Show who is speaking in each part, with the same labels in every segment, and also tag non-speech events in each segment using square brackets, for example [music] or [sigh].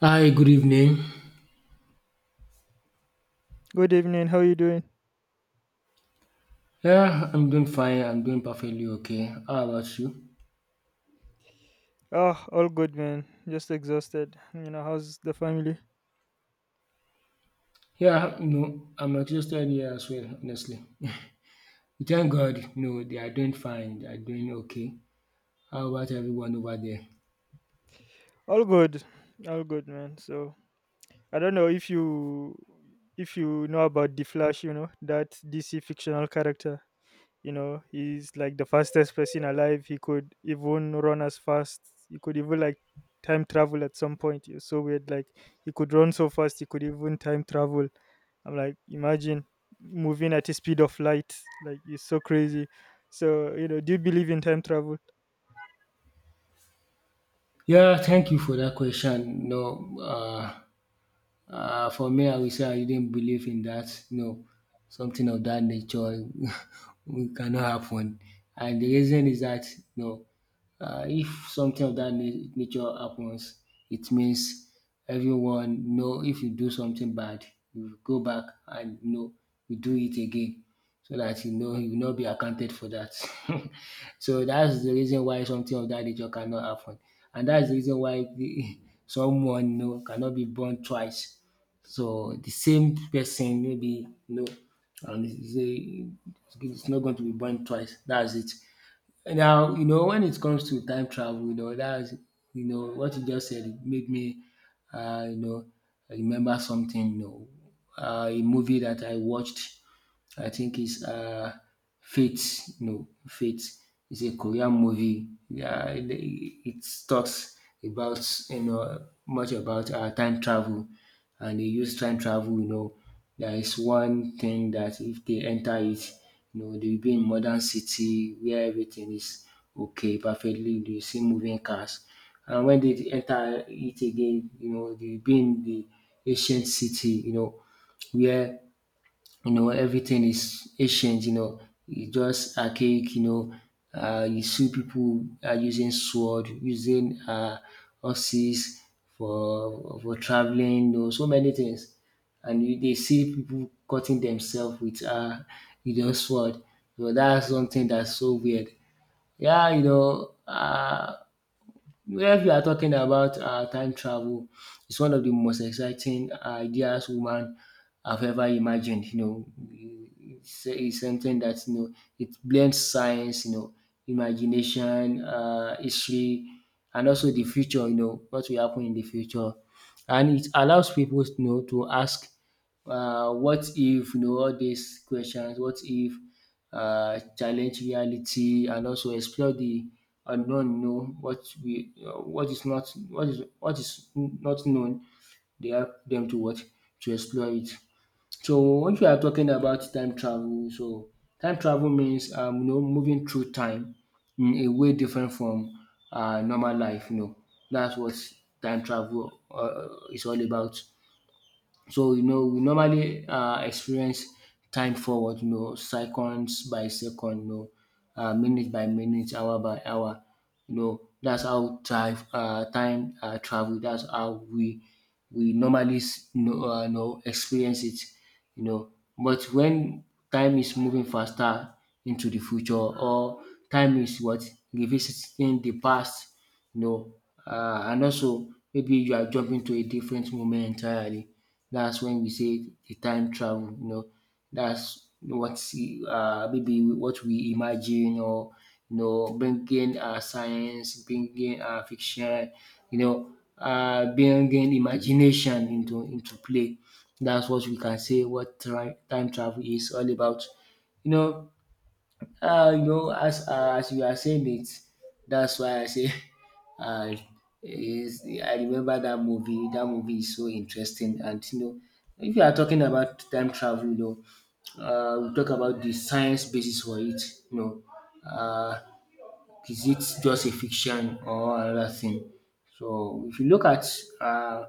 Speaker 1: Hi, good evening.
Speaker 2: Good evening. How you doing?
Speaker 1: Yeah, I'm doing fine. I'm doing perfectly okay. How about you?
Speaker 2: Oh, all good, man. Just exhausted. How's the family?
Speaker 1: Yeah, no, I'm exhausted here as well, honestly. We thank God, no, they are doing fine. They are doing okay. How about everyone over there?
Speaker 2: All good. All good, man. So I don't know if you know about the Flash. You know, that DC fictional character. You know, he's like the fastest person alive. He could even run as fast. He could even like Time travel at some point. It's so weird. Like he could run so fast. He could even time travel. I'm like, imagine moving at the speed of light. Like it's so crazy. So do you believe in time travel?
Speaker 1: Yeah, thank you for that question. No. For me, I will say I didn't believe in that. No, something of that nature [laughs] will cannot happen. And the reason is that no, if something of that nature happens, it means everyone know if you do something bad, you go back and you know you do it again, so that you know you will not be accounted for that. [laughs] So that's the reason why something of that nature cannot happen, and that's the reason why the, [laughs] someone you know cannot be born twice, so the same person, maybe you know, and he say it's not going to be born twice. That's it. Now you know when it comes to time travel, you know that's, you know, what you just said made me, you know, remember something. You know, a movie that I watched, I think it's Fate. No, Fate is a Korean movie. Yeah, it talks about, you know, much about time travel, and they use time travel. You know, there is one thing that if they enter it, you know, they'll be in modern city where everything is okay, perfectly. They see moving cars, and when they enter it again, you know, they'll be in the ancient city. You know, where, you know, everything is ancient, you know, it's just archaic, you know. You see people are using sword, using horses for traveling, you know, so many things. And you, they see people cutting themselves with you know, sword. So that's something that's so weird. Yeah, you know, if you are talking about time travel, it's one of the most exciting ideas woman have ever imagined. You know, it's something that, you know, it blends science, you know, imagination, history, and also the future. You know what will happen in the future, and it allows people, you know, to ask, what if, you know, all these questions? What if challenge reality and also explore the unknown. You know what we what is not, what is, what is not known. They help them to what, to explore it. So if you are talking about time travel, so time travel means you know, moving through time in a way different from normal life. You know, that's what time travel is all about. So you know we normally experience time forward, you know, seconds by second, you know, minute by minute, hour by hour, you know, that's how time time travel, that's how we normally know experience it, you know. But when time is moving faster into the future, or time is what, revisiting the past, no, and also maybe you are jumping to a different moment entirely. That's when we say the time travel. You know, that's what, maybe what we imagine, or you know bringing science, bringing fiction, you know, bringing imagination into play. That's what we can say what time travel is all about. You know, you know, as you are saying it, that's why I say, [laughs] uh, is I remember that movie. That movie is so interesting, and you know, if you are talking about time travel, you know, we talk about the science basis for it. You know, uh, is it just a fiction or another thing? So if you look at uh,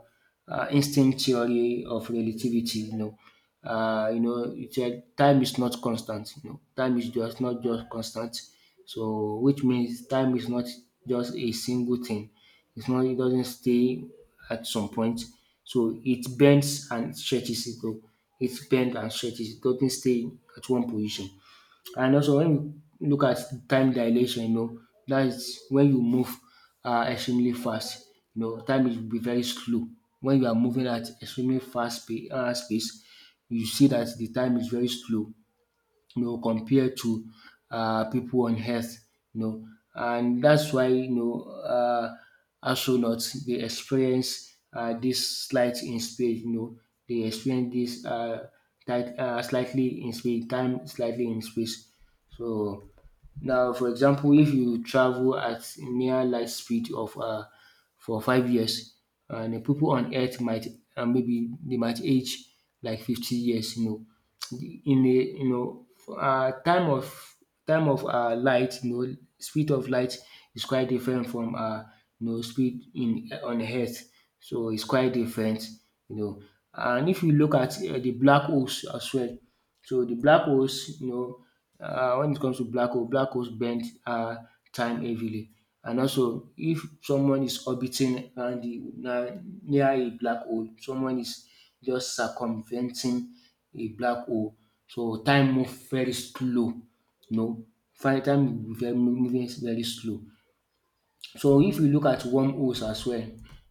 Speaker 1: instinct theory of relativity, you know, it said time is not constant. You know, time is just not just constant. So which means time is not just a single thing. It's not. It doesn't stay at some point. So it bends and stretches it. Though it bends and stretches. It doesn't stay at one position. And also when you look at time dilation, you know, that is when you move extremely fast, you know, time is be very slow. When you are moving at extremely fast space, you see that the time is very slow, you know, compared to pipu on earth, you know. And that's why, you know, um astronauts they experience dis slight in space, you know, dey experience this slightly in space, time slightly in space. So now, for example, if you travel at near light speed of for 5 years, and the people on Earth might maybe they might age like 50 years. You know, in a, you know, time of light, you know, speed of light is quite different from you know, speed in on Earth. So it's quite different. You know, and if you look at the black holes as well. So the black holes, you know, when it comes to black hole, black holes bend time heavily. And also, if someone is orbiting around the, near a black hole, someone is just circumventing a black hole. So time moves very slow. You know, time will be very, moving very slow. So if you look at wormholes as well,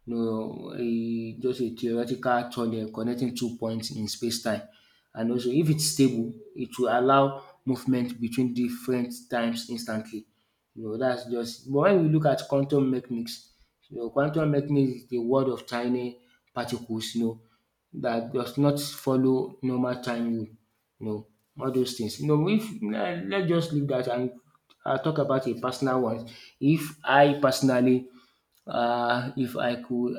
Speaker 1: you know, eh, just a theoretical tunnel connecting two points in space-time. And also, if it's stable, it will allow movement between different times instantly. No, that's just, but when we look at quantum mechanics, you know, quantum mechanics is the world of tiny particles, you know, that does not follow normal time rule, you know, all those things. You know, if let's just leave that and I'll talk about a personal one. If I personally, if I could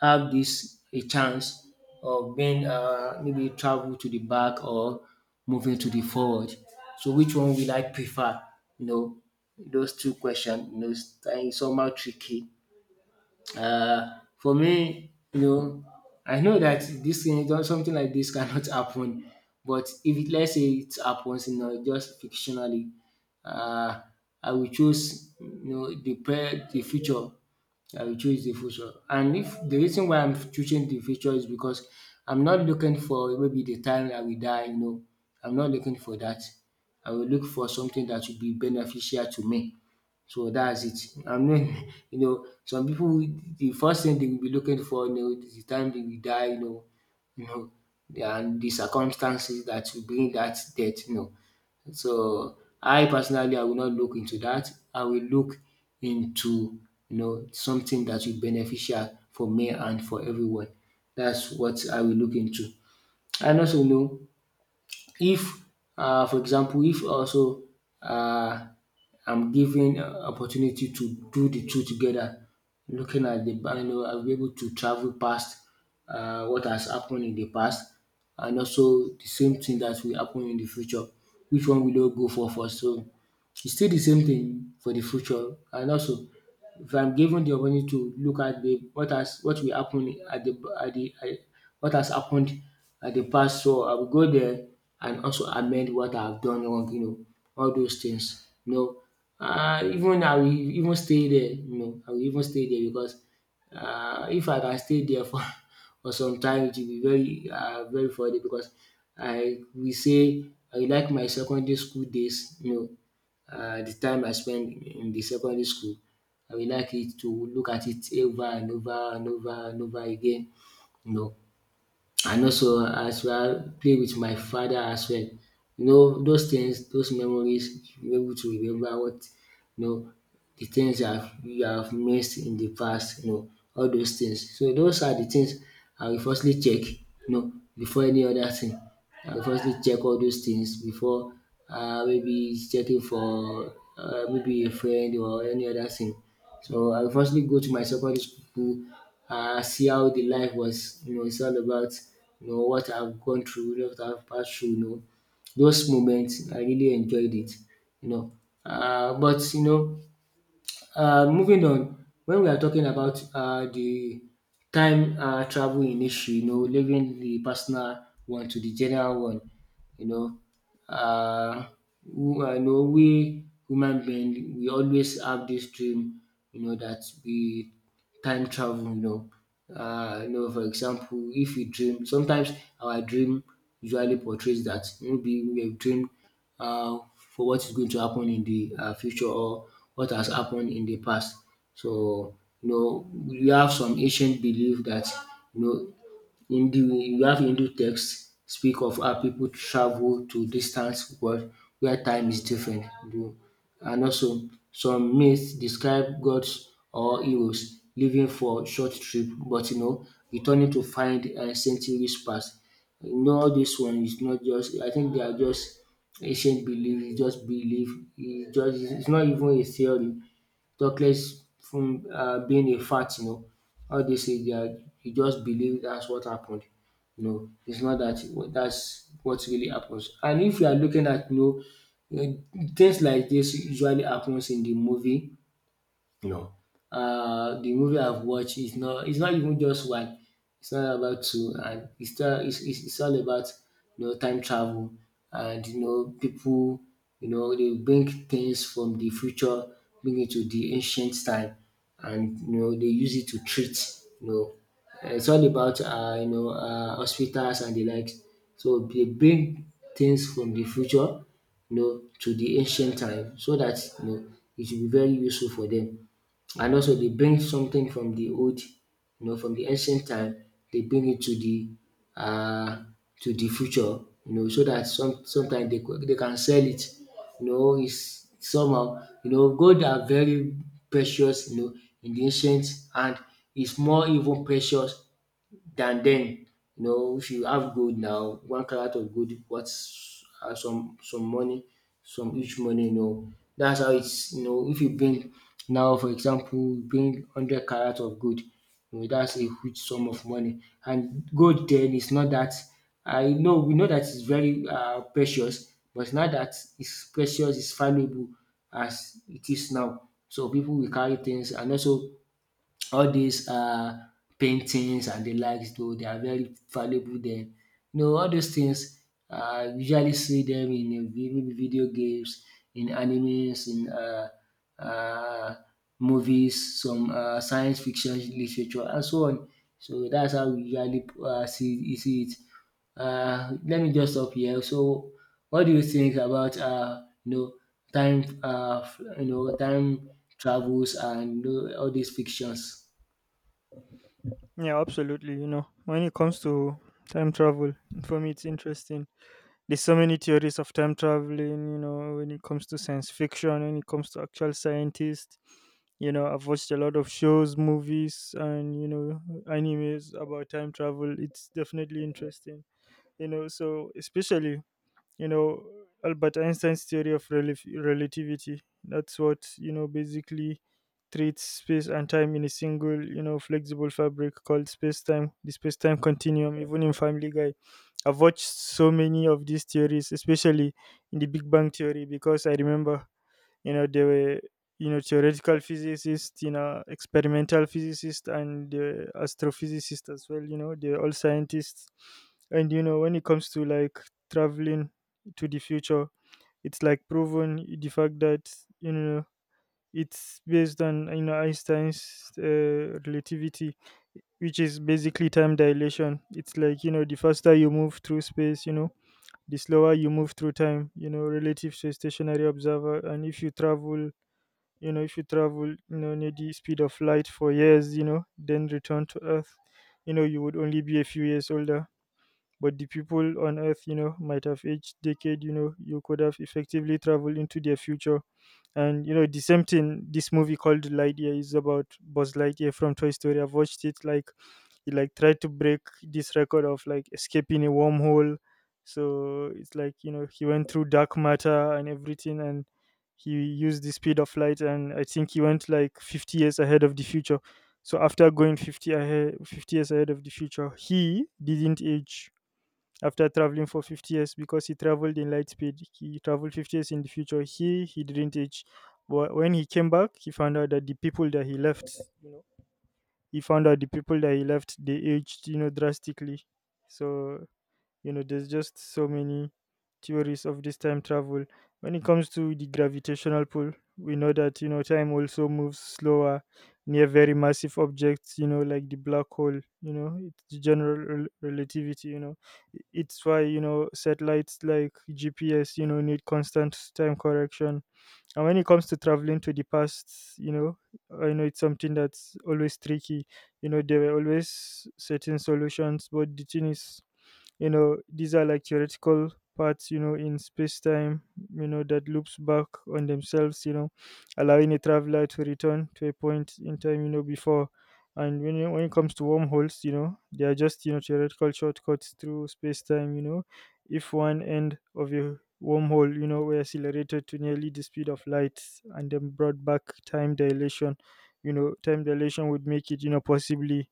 Speaker 1: have this a chance of being maybe travel to the back or moving to the forward. So which one will I prefer? You know, those two questions, you know, it's somehow tricky. For me, you know, I know that this thing, something like this cannot [laughs] happen, but if it, let's say it happens, you know, just fictionally, uh, I will choose, you know, the the future, I will choose the future. And if the reason why I'm choosing the future is because I'm not looking for maybe the time I will die, you know. I'm not looking for that. I will look for something that will be beneficial to me. So that's it. I mean, [laughs] you know, some people the first thing they will be looking for, you know, is the time they will die, you know, and the circumstances that will bring that death, you know. So I personally I will not look into that. I will look into, you know, something that will be beneficial for me and for everyone. That's what I will look into. And also you know, if, for example, if also, um I'm given opportunity to do de two together, looking at de I will be able to travel past what has happen in de past and also de same thing dat will happen in de future, which one will you go for first. So, e still de same thing for de future, and also if I'm given the opportunity to look at the what has, what will happen at the at the at, what has happened at the past, so I will go there and also amend what I've done wrong, you know, all those things. You know, even I will even stay there, you know, I will even stay there because if I can stay there for [laughs] for some time, it will be very very funny because I will say I like my secondary school days, you know, the time I spent in the secondary school, I will like it to look at it over and over and over and over again, you know, and also as well play with my father as well. You know those things, those memories, you able to remember what, you know, the things you have missed in the past, you know, all those things. So those are the things I will firstly check, you know, before any other thing. I will firstly check all those things before maybe checking for maybe a friend or any other thing. So I will firstly go to my secondary school, see how the life was. You know, it's all about, you know, what I've gone through, what I've passed through. You know, those moments I really enjoyed it. You know, but you know, moving on. When we are talking about the time travel in issue, you know, leaving the personal one to the general one, you know. Uh, who You know, we human being, we always have this dream, you know, that we time travel, you know. You know, for example, if we dream sometimes, our dream usually portrays that maybe we have dreamed for what is going to happen in the future or what has happened in the past. So you know, we have some ancient belief that you know, Hindu you have Hindu texts speak of how pipu travel to distant world where time is different. You- and also some myths describe gods or heroes living for short trip, but you know, returning to find centuries past. You know, all dis one is not just, I think they are just ancient belief. It's just belief, e just it's not even a theory. Talkless from being a fact, you know. All they say, they are, you just believe that's what happened. No, it's not that that's what really happens. And if you are looking at, you know, eh, things like this usually happens in the movie. The movie I've watched is not, it's not even just one. It's not about two, and it's all it's, it's all about, you know, time travel. And you know, people, you know, they bring things from the future, bring it to the ancient time, and you know, they use it to treat, you know. It's all about hospitals and the likes. So they bring things from the future, you know, to the ancient time, so that you know, it will be very useful for them. And also they bring something from the old, you know, from the ancient time, they bring it uh, to the future, you know, so that some sometimes they, could- they can sell it. You know, it's somehow, you know, gold are very precious, you know, in the ancient, and it's more even precious than then. You know, if you have gold now, one carat of gold worth some money, some huge money. You know, that's how it's. You know, if you bring now, for example, you bring hundred carat of gold, you know, that's a huge sum of money. And gold then is not that. I know, we know that it's very precious, but now that it's precious, it's valuable as it is now. So people will carry things, and also all these paintings and the likes, though they are very valuable then. You know, all those things usually see them in a vi maybe video games, in animes, in uh movies, some science fiction literature and so on. So that's how we usually see it. Let me just stop here. So, what do you think about you know, time you know, time travels, and you know, all these fictions?
Speaker 2: Yeah, absolutely. You know, when it comes to time travel, for me, it's interesting. There's so many theories of time traveling, you know, when it comes to science fiction, when it comes to actual scientists. You know, I've watched a lot of shows, movies, and, animes about time travel. It's definitely interesting, you know, so especially you know Albert Einstein's theory of relativity. That's what, basically treats space and time in a single, flexible fabric called space-time, the space-time continuum. Even in Family Guy, I've watched so many of these theories, especially in The Big Bang Theory, because I remember, they were, theoretical physicists, experimental physicists, and astrophysicists as well. You know, they're all scientists. And when it comes to like traveling to the future, it's like proven the fact that, you know it's based on, Einstein's relativity, which is basically time dilation. It's like, the faster you move through space, the slower you move through time, relative to a stationary observer. And if you travel, near the speed of light for years, then return to Earth, you would only be a few years older. But the people on Earth, might have aged decade. You know, you could have effectively traveled into their future. And the same thing, this movie called Lightyear is about Buzz Lightyear from Toy Story. I've watched it. Like he like tried to break this record of like escaping a wormhole. So it's like, he went through dark matter and everything. And he used the speed of light, and I think he went like 50 years ahead of the future. So after going 50 years ahead of the future, he didn't age. After traveling for 50 years, because he traveled in light speed, he traveled 50 years in the future, he didn't age. But when he came back, he found out that the people that he left, they aged, you know, drastically. So there's just so many theories of this time travel. When it comes to the gravitational pull, we know that, time also moves slower near very massive objects, like the black hole. You know, it's the general relativity. You know, it's why, satellites like GPS, need constant time correction. And when it comes to traveling to the past, you know, I know it's something that's always tricky. You know, there were always certain solutions, but the thing is, these are like theoretical parts, in space time, that loops back on themselves, allowing a traveler to return to a point in time, before. And when it comes to wormholes, they are just, theoretical shortcuts through space time. You know, if one end of a wormhole, were accelerated to nearly the speed of light and then brought back, time dilation would make it, possibly,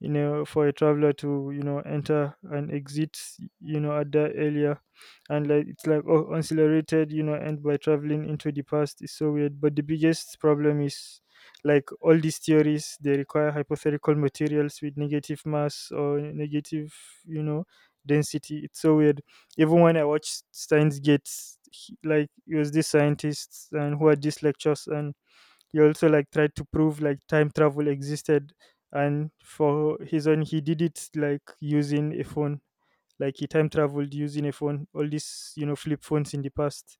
Speaker 2: for a traveler to, enter and exit, at that area. And like it's like, oh, accelerated, you know, and by traveling into the past is so weird. But the biggest problem is like all these theories, they require hypothetical materials with negative mass or negative, you know, density. It's so weird. Even when I watched Steins Gate, like it was these scientists and who had these lectures. And he also like tried to prove like time travel existed. And for his own, he did it like using a phone. Like he time traveled using a phone, all these, flip phones in the past.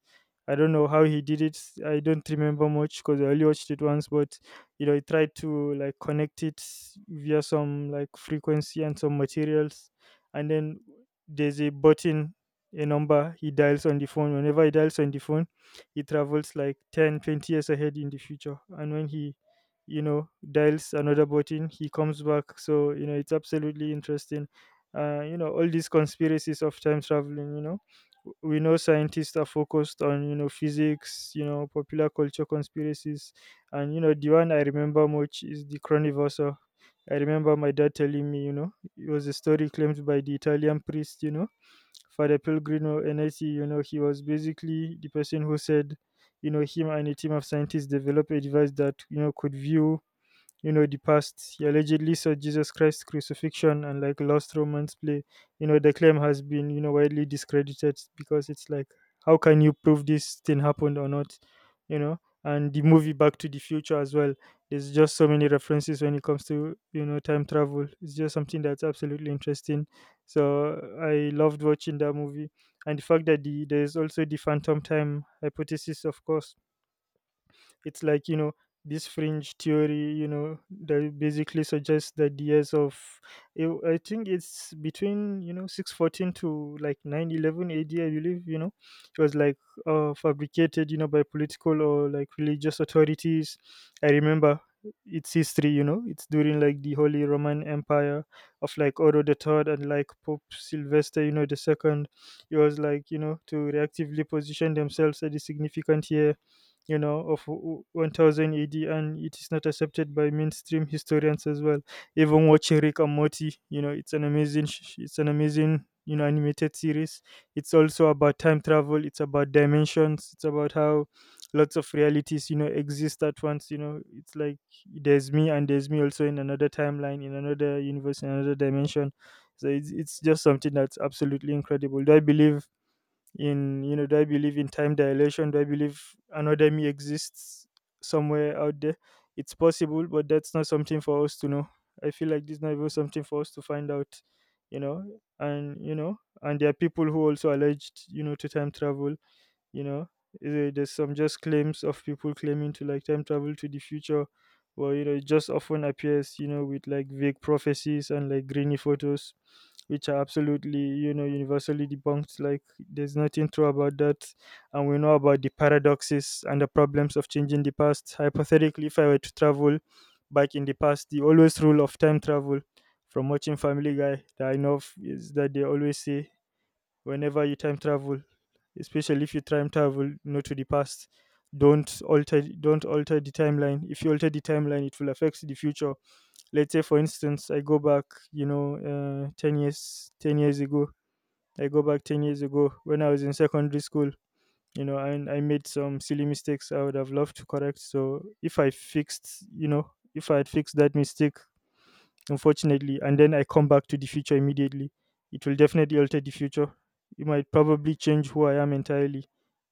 Speaker 2: I don't know how he did it. I don't remember much because I only watched it once. But he tried to like connect it via some like frequency and some materials. And then there's a button, a number he dials on the phone. Whenever he dials on the phone, he travels like 10, 20 years ahead in the future. And when he, dials another button, he comes back. So, you know, it's absolutely interesting, you know, all these conspiracies of time traveling. You know, we know scientists are focused on, physics, popular culture conspiracies. And you know, the one I remember much is the chronoverser. I remember my dad telling me, you know, it was a story claimed by the Italian priest, you know, Father Pellegrino Enetti. You know, he was basically the person who said, him and a team of scientists developed a device that, could view, the past. He allegedly saw Jesus Christ's crucifixion and like lost Romans play. You know, the claim has been, widely discredited because it's like, how can you prove this thing happened or not? You know, and the movie Back to the Future as well. There's just so many references when it comes to, time travel. It's just something that's absolutely interesting. So I loved watching that movie. And the fact that there's also the phantom time hypothesis, of course. It's like, this fringe theory, that basically suggests that the years of, I think it's between, 614 to like 911 AD, I believe. You know, it was like fabricated, by political or like religious authorities. I remember its history. You know, it's during like the Holy Roman Empire of like Otto the Third and like Pope Sylvester, you know, the Second. It was like, to reactively position themselves at a significant year, of 1000 AD. And it is not accepted by mainstream historians as well. Even watching Rick and Morty, you know, it's it's an amazing, animated series. It's also about time travel. It's about dimensions. It's about how lots of realities, exist at once. You know, it's like there's me and there's me also in another timeline, in another universe, in another dimension. So it's just something that's absolutely incredible. Do I believe in, time dilation? Do I believe another me exists somewhere out there? It's possible, but that's not something for us to know. I feel like this is not even something for us to find out, you know. And and there are people who also alleged, to time travel. You know, there's some just claims of people claiming to like time travel to the future. Well, you know, it just often appears, with like vague prophecies and like grainy photos, which are absolutely, universally debunked. Like there's nothing true about that. And we know about the paradoxes and the problems of changing the past. Hypothetically, if I were to travel back in the past, the always rule of time travel from watching Family Guy that I know of is that they always say, whenever you time travel, especially if you time travel not to the past, don't alter the timeline. If you alter the timeline, it will affect the future. Let's say for instance, I go back, you know 10 years, ago. I go back 10 years ago when I was in secondary school, you know, and I made some silly mistakes I would have loved to correct. So if I fixed you know if I had fixed that mistake, unfortunately, and then I come back to the future immediately, it will definitely alter the future. It might probably change who I am entirely,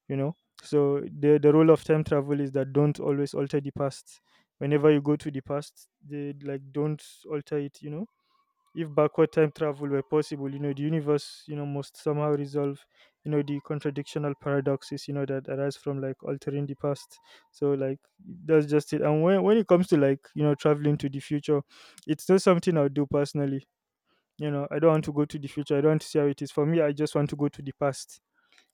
Speaker 2: you know. So the role of time travel is that don't always alter the past. Whenever you go to the past, they like don't alter it, you know. If backward time travel were possible, you know, the universe, you know, must somehow resolve, you know, the contradictional paradoxes, you know, that arise from like altering the past. So like that's just it. And when it comes to, like, you know, traveling to the future, it's not something I'll do personally. You know, I don't want to go to the future. I don't want to see how it is. For me, I just want to go to the past.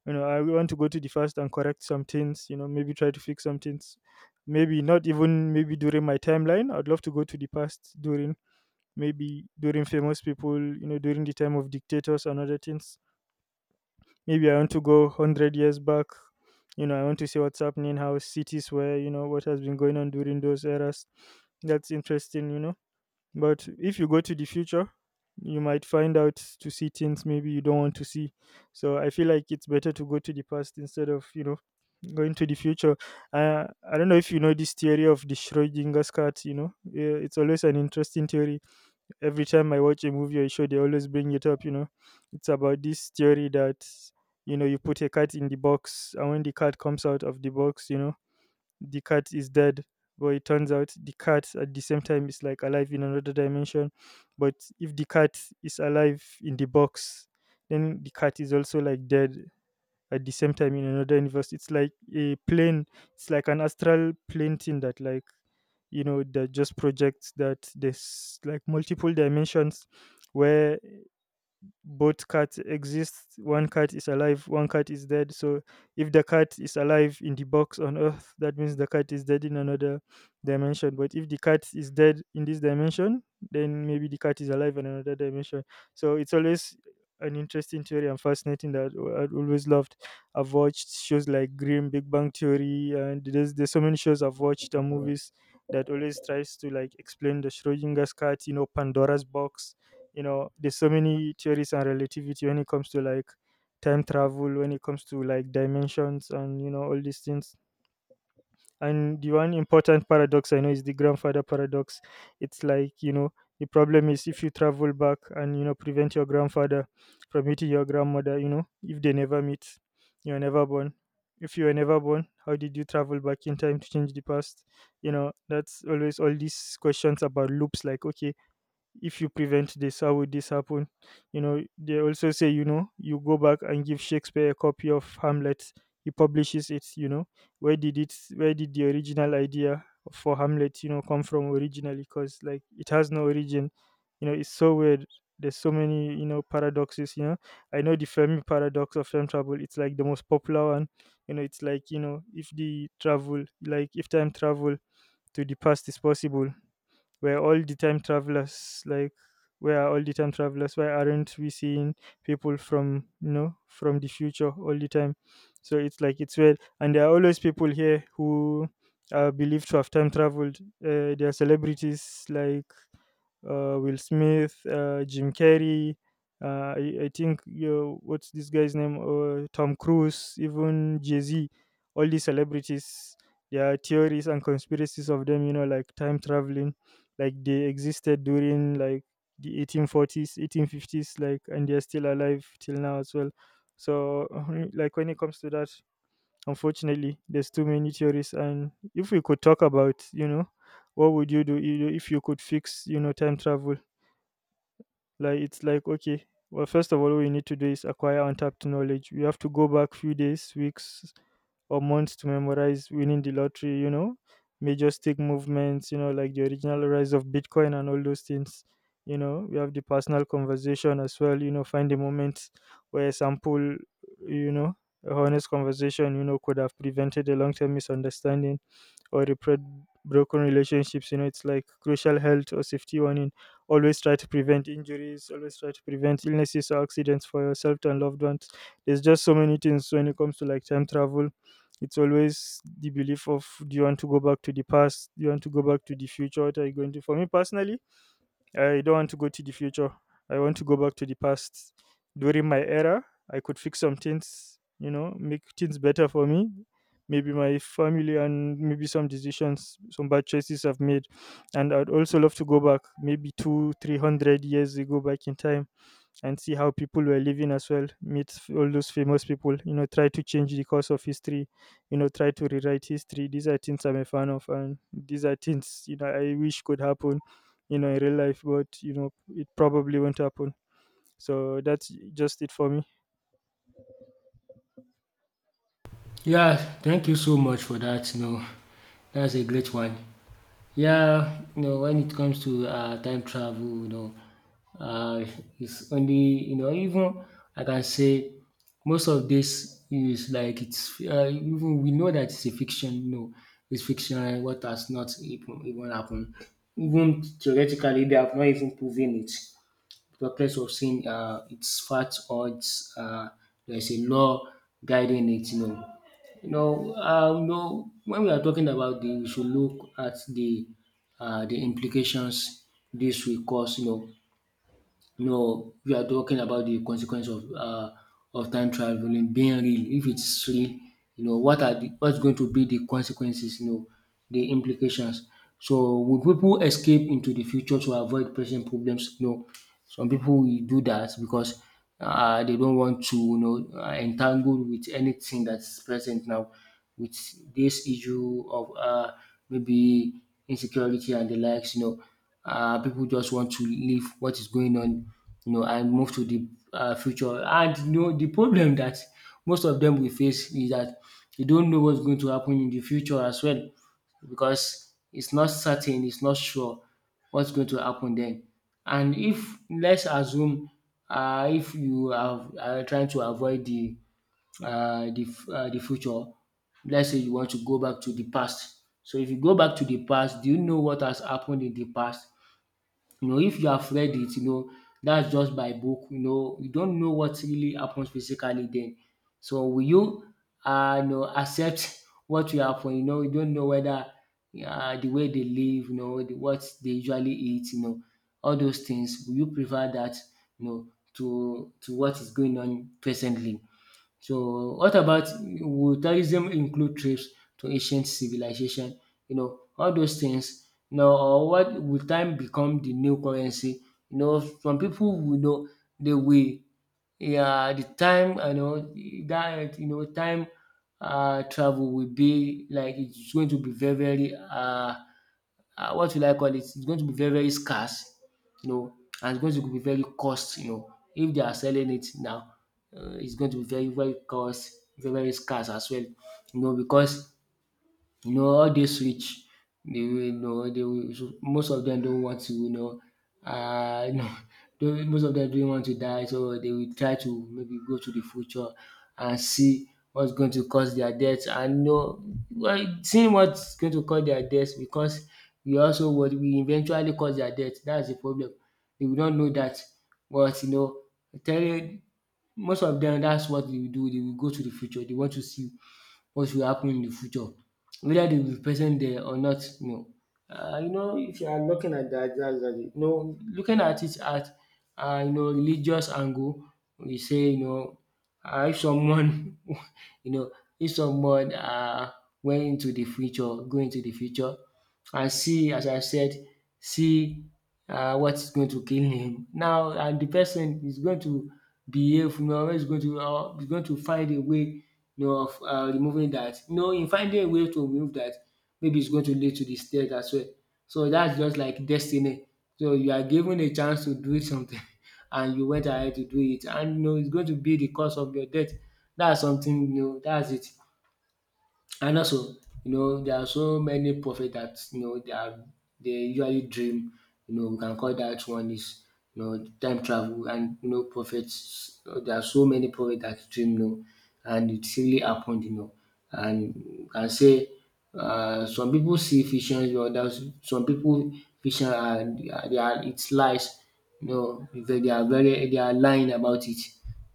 Speaker 2: You know, I want to go to the past and correct some things, you know, maybe try to fix some things. Maybe not even maybe during my timeline. I'd love to go to the past during maybe during famous people, you know, during the time of dictators and other things. Maybe I want to go 100 years back. You know, I want to see what's happening, how cities were, you know, what has been going on during those eras. That's interesting, you know. But if you go to the future, you might find out to see things maybe you don't want to see. So I feel like it's better to go to the past instead of, you know, going to the future. I don't know if you know this theory of the Schrodinger's cat, you know. Yeah, it's always an interesting theory every time I watch a movie or a show, they always bring it up. You know, it's about this theory that, you know, you put a cat in the box, and when the cat comes out of the box, you know, the cat is dead. But it turns out the cat at the same time is, like, alive in another dimension. But if the cat is alive in the box, then the cat is also, like, dead at the same time in another universe. It's like a plane, it's like an astral plane thing that, like, you know, that just projects that there's, like, multiple dimensions where both cats exist. One cat is alive, one cat is dead. So if the cat is alive in the box on Earth, that means the cat is dead in another dimension. But if the cat is dead in this dimension, then maybe the cat is alive in another dimension. So it's always an interesting theory and fascinating that I've always loved. I've watched shows like Grimm, Big Bang Theory, and there's so many shows I've watched and movies that always tries to, like, explain the Schrodinger's cat, you know, Pandora's box. You know, there's so many theories and relativity when it comes to, like, time travel, when it comes to, like, dimensions, and, you know, all these things. And the one important paradox I know is the grandfather paradox. It's like, you know, the problem is if you travel back and, you know, prevent your grandfather from meeting your grandmother, you know, if they never meet, you are never born. If you were never born, how did you travel back in time to change the past? You know, that's always all these questions about loops, like, okay, if you prevent this, how would this happen? You know, they also say, you know, you go back and give Shakespeare a copy of Hamlet. He publishes it, you know. Where did the original idea for Hamlet, you know, come from originally? Because, like, it has no origin. You know, it's so weird. There's so many, you know, paradoxes, you know. I know the Fermi paradox of time travel, it's like the most popular one. You know, it's like, you know, if the travel, like, if time travel to the past is possible, we're all the time travelers. Like, where are all the time travelers? Why aren't we seeing people from, you know, from the future all the time? So it's, like, it's weird. And there are always people here who are believed to have time traveled. There are celebrities like Will Smith, Jim Carrey, I think, you know, what's this guy's name, Tom Cruise, even Jay-Z. All these celebrities, there are theories and conspiracies of them, you know, like time traveling, like they existed during, like, the 1840s, 1850s, like, and they're still alive till now as well. So [laughs] like, when it comes to that, unfortunately there's too many theories. And if we could talk about, you know, what would you do, you know, if you could fix, you know, time travel. Like, it's like, okay, well, first of all, what we need to do is acquire untapped knowledge. We have to go back few days, weeks, or months to memorize winning the lottery, you know, major stick movements, you know, like the original rise of Bitcoin and all those things. You know, we have the personal conversation as well, you know, find a moment where a sample, you know, a honest conversation, you know, could have prevented a long term misunderstanding or repair broken relationships. You know, it's like crucial health or safety warning. Always try to prevent injuries. Always try to prevent illnesses or accidents for yourself and loved ones. There's just so many things when it comes to, like, time travel. It's always the belief of, do you want to go back to the past? Do you want to go back to the future? What are you going to? For me personally, I don't want to go to the future. I want to go back to the past. During my era, I could fix some things, you know, make things better for me. Maybe my family and maybe some decisions, some bad choices I've made. And I'd also love to go back maybe two, 300 years ago back in time and see how people were living as well, meet all those famous people, you know, try to change the course of history, you know, try to rewrite history. These are things I'm a fan of, and these are things, you know, I wish could happen, you know, in real life, but, you know, it probably won't happen. So that's just it for me.
Speaker 1: Yeah, thank you so much for that. You know, that's a great one. Yeah, you know, when it comes to time travel, you know, uh, it's only, you know, even I can say most of this is like it's, even we know that it's a fiction, you know, it's fiction, what has not even, even happened. Even theoretically, they have not even proven it, the place of sin, its facts or its there's a law guiding it. You know, you know, you know, when we are talking about the, we should look at the implications this will cause. You know, no, we are talking about the consequence of time traveling being real. If it's real, you know, what are the, what's going to be the consequences? You know, the implications. So will people escape into the future to avoid present problems? No, some people will do that because they don't want to, you know, entangle with anything that's present now, with this issue of maybe insecurity and the likes. You know, people just want to leave what is going on, you know, and move to the future. And you know, the problem that most of them will face is that they don't know what's going to happen in the future as well, because it's not certain, it's not sure what's going to happen then. And if let's assume if you are trying to avoid the the future, let's say you want to go back to the past. So if you go back to the past, do you know what has happened in the past? You know, if you have read it, you know, that's just by book. You know, you don't know what really happens physically then. So will you, you know, accept [laughs] what will happen? You know, you don't know whether the way they live, you know, the, what they usually eat, you know, all those things. Will you prefer that, you know, to what is going on presently? So what about, would tourism include trips to ancient civilization? You know, all those things. Now, or what will time become the new currency? You know, some people will know they will, yeah, the time I know that, you know, time travel will be like, it's going to be very very what will I call it? It's going to be very, very scarce, you know, and it's going to be very cost, you know. If they are selling it now, it's going to be very, very cost, very, very scarce as well, you know, because you know, all dis rich, dey wey know dey will, so most of them don't want to, you know, uh, [laughs] most of them don't want to die, so they will try to maybe go to the future and see what's going to cause their death, and you know, well, seeing what's going to cause their death, because we also what we eventually cause their death. That's the problem. They will not know that, but you know, telling most of them, that's what they will do. They will go to the future. They want to see what will happen in the future, whether they will be present there or not. You know, if you are looking at that, that's that. You know, looking at it at you know, religious angle, we say, you know, if someone [laughs] you know, if someone went into the future, go into the future, and see as I said, see what is going to kill him. Now, and the person is going to behave, you know, is going to find a way, you know, of removing that. You know, in finding a way to remove that, maybe it's going to lead to the distress as well. So that's just like destiny. So you are given a chance to do something, [laughs] and you went ahead to do it, and you know it's going to be the cause of your death. That's something, you know. That's it. And also, you know, there are so many prophets that, you know, they are, they usually dream. You know, we can call that one is, you know, time travel, and you know, prophets. There are so many prophets that dream, you know, and it really happened, you know. And we can say some people see visions, or others, some people, vision are, they are, it's lies. You know, they are very, they are lying about it.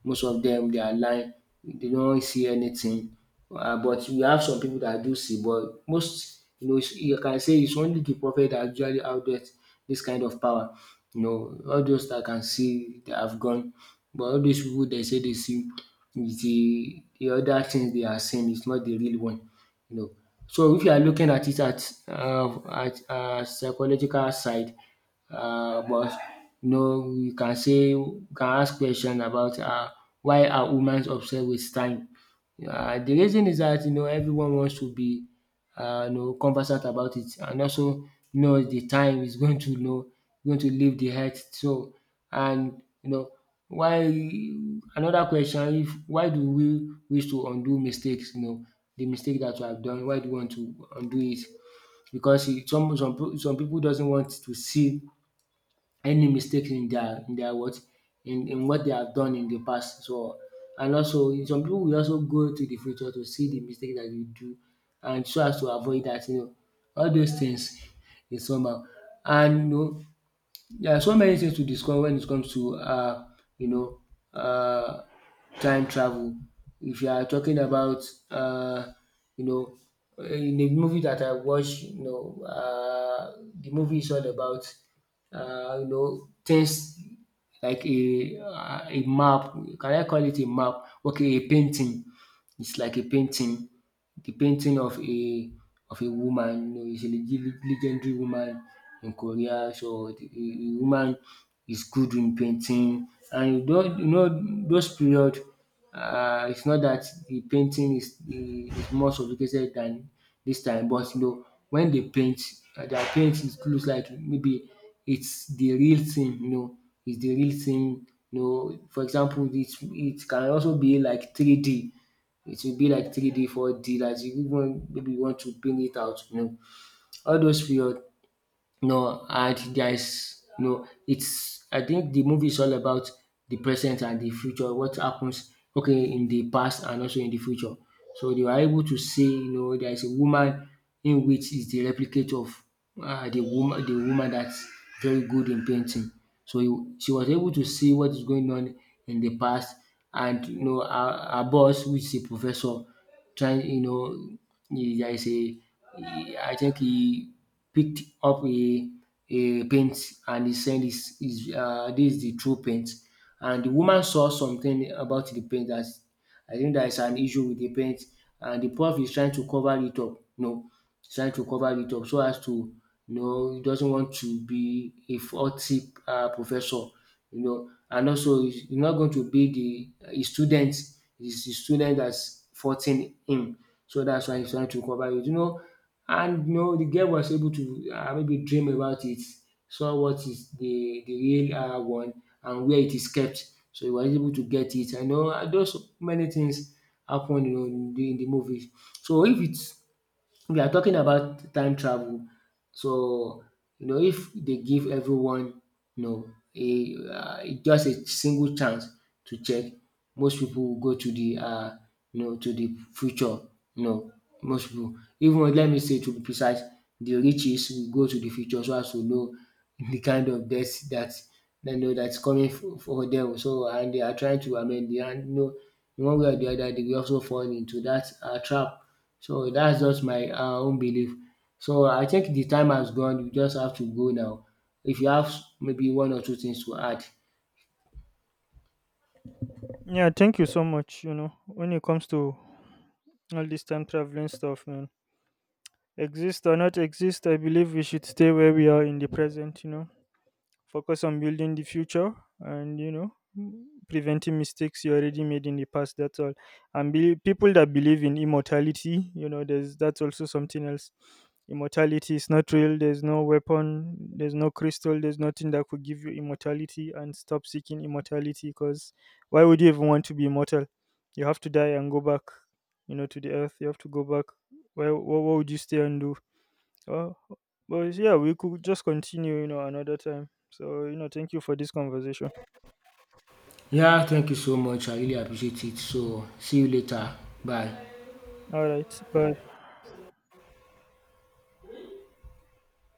Speaker 1: Most of them, they are lying. They don't see anything, but we have some people that do see, but most, you know, it's- you can say it's only the prophet that usually outdoes this kind of power. You know, all those that can see, they have gone, but all these people, they say they see is the other things they are seeing is not the real one, you know. So if you are looking at it at psychological side, but you know, you can say you can ask question about why are humans obsessed with time? The reason is that, you know, everyone wants to be you know, conversant about it, and also know the time is going to, you know, going to leave the earth, so, and you know, why, another question, if, why do we wish to undo mistakes? You know, the mistake that you have done, why do you want to undo it? Because e- some peo- some people doesn't want to see any mistakes in their, in their what, in what they have done in the past. So and also in some people will also go to the future to see the mistake that you do and so as to avoid that. All those things [laughs] is somehow. And there are so many things to discuss when it comes to you know uh, time travel. If you are talking about uh, you know in the movie that I watched, the movie is all about things like a map. Can I call it a map? Okay, a painting. It's like a painting, the painting of a woman, you know, it's a legendary woman in Korea. So the woman is good in painting and you don you know those period it's not that the painting is more sophisticated than this time, but you know when they paint their paint it looks like maybe it's the real thing you know it's the real thing you know. For example, it can also be like 3D, it will be like 3D, 4D, like you even maybe you want to bring it out, you know. All those period, you know, and guys, no. It's, I think the movie is all about the present and the future, what happens, okay, in the past and also in the future. So they were able to see, you know, there is a woman in which is the replicate of the woman that's very good in painting. So she was able to see what is going on in the past, and you know, her boss, which is a professor, try you know he. There is a, he- I think he picked up a paint and he said is this is the true paint and the woman saw something about the paint that. I think that is an issue with the paint and the prof is trying to cover it up, you know, he's trying to cover it up so as to you know, he doesn't want to be a faulty professor, you know, and also he's not going to be the his student, it's the student that's faulting him. So that's why he's trying to cover it. You know and you know, the girl was able to maybe dream about it, saw what is the real one and where it is kept. So he was able to get it. I know those many things happen you know, in the movie. So if it's we are talking about time travel. So you know, if they give everyone you know a just a single chance to check, most people will go to the you know to the future. You know, most people, even let me say to be precise, the riches will go to the future so as to know [laughs] the kind of death that they know that's coming for them. So and they are trying to, I mean they are you know in one way or the other they will also fall into that trap. So that's just my own belief. So I think the time has gone. You just have to go now. If you have maybe one or two things to add.
Speaker 2: Yeah, thank you so much. You know, when it comes to all this time traveling stuff, man, exist or not exist, I believe we should stay where we are in the present, you know, focus on building the future and, you know, preventing mistakes you already made in the past. That's all. And people that believe in immortality, you know, there's that's also something else. Immortality is not real. There's no weapon, there's no crystal, there's nothing that could give you immortality. And stop seeking immortality, because why would you even want to be immortal? You have to die and go back, you know, to the earth. You have to go back. Where, what would you stay and do? Oh, but, yeah, we could just continue, you know, another time. So, you know, thank you for this conversation.
Speaker 1: Yeah, thank you so much. I really appreciate it. So see you later. Bye.
Speaker 2: All right. Bye.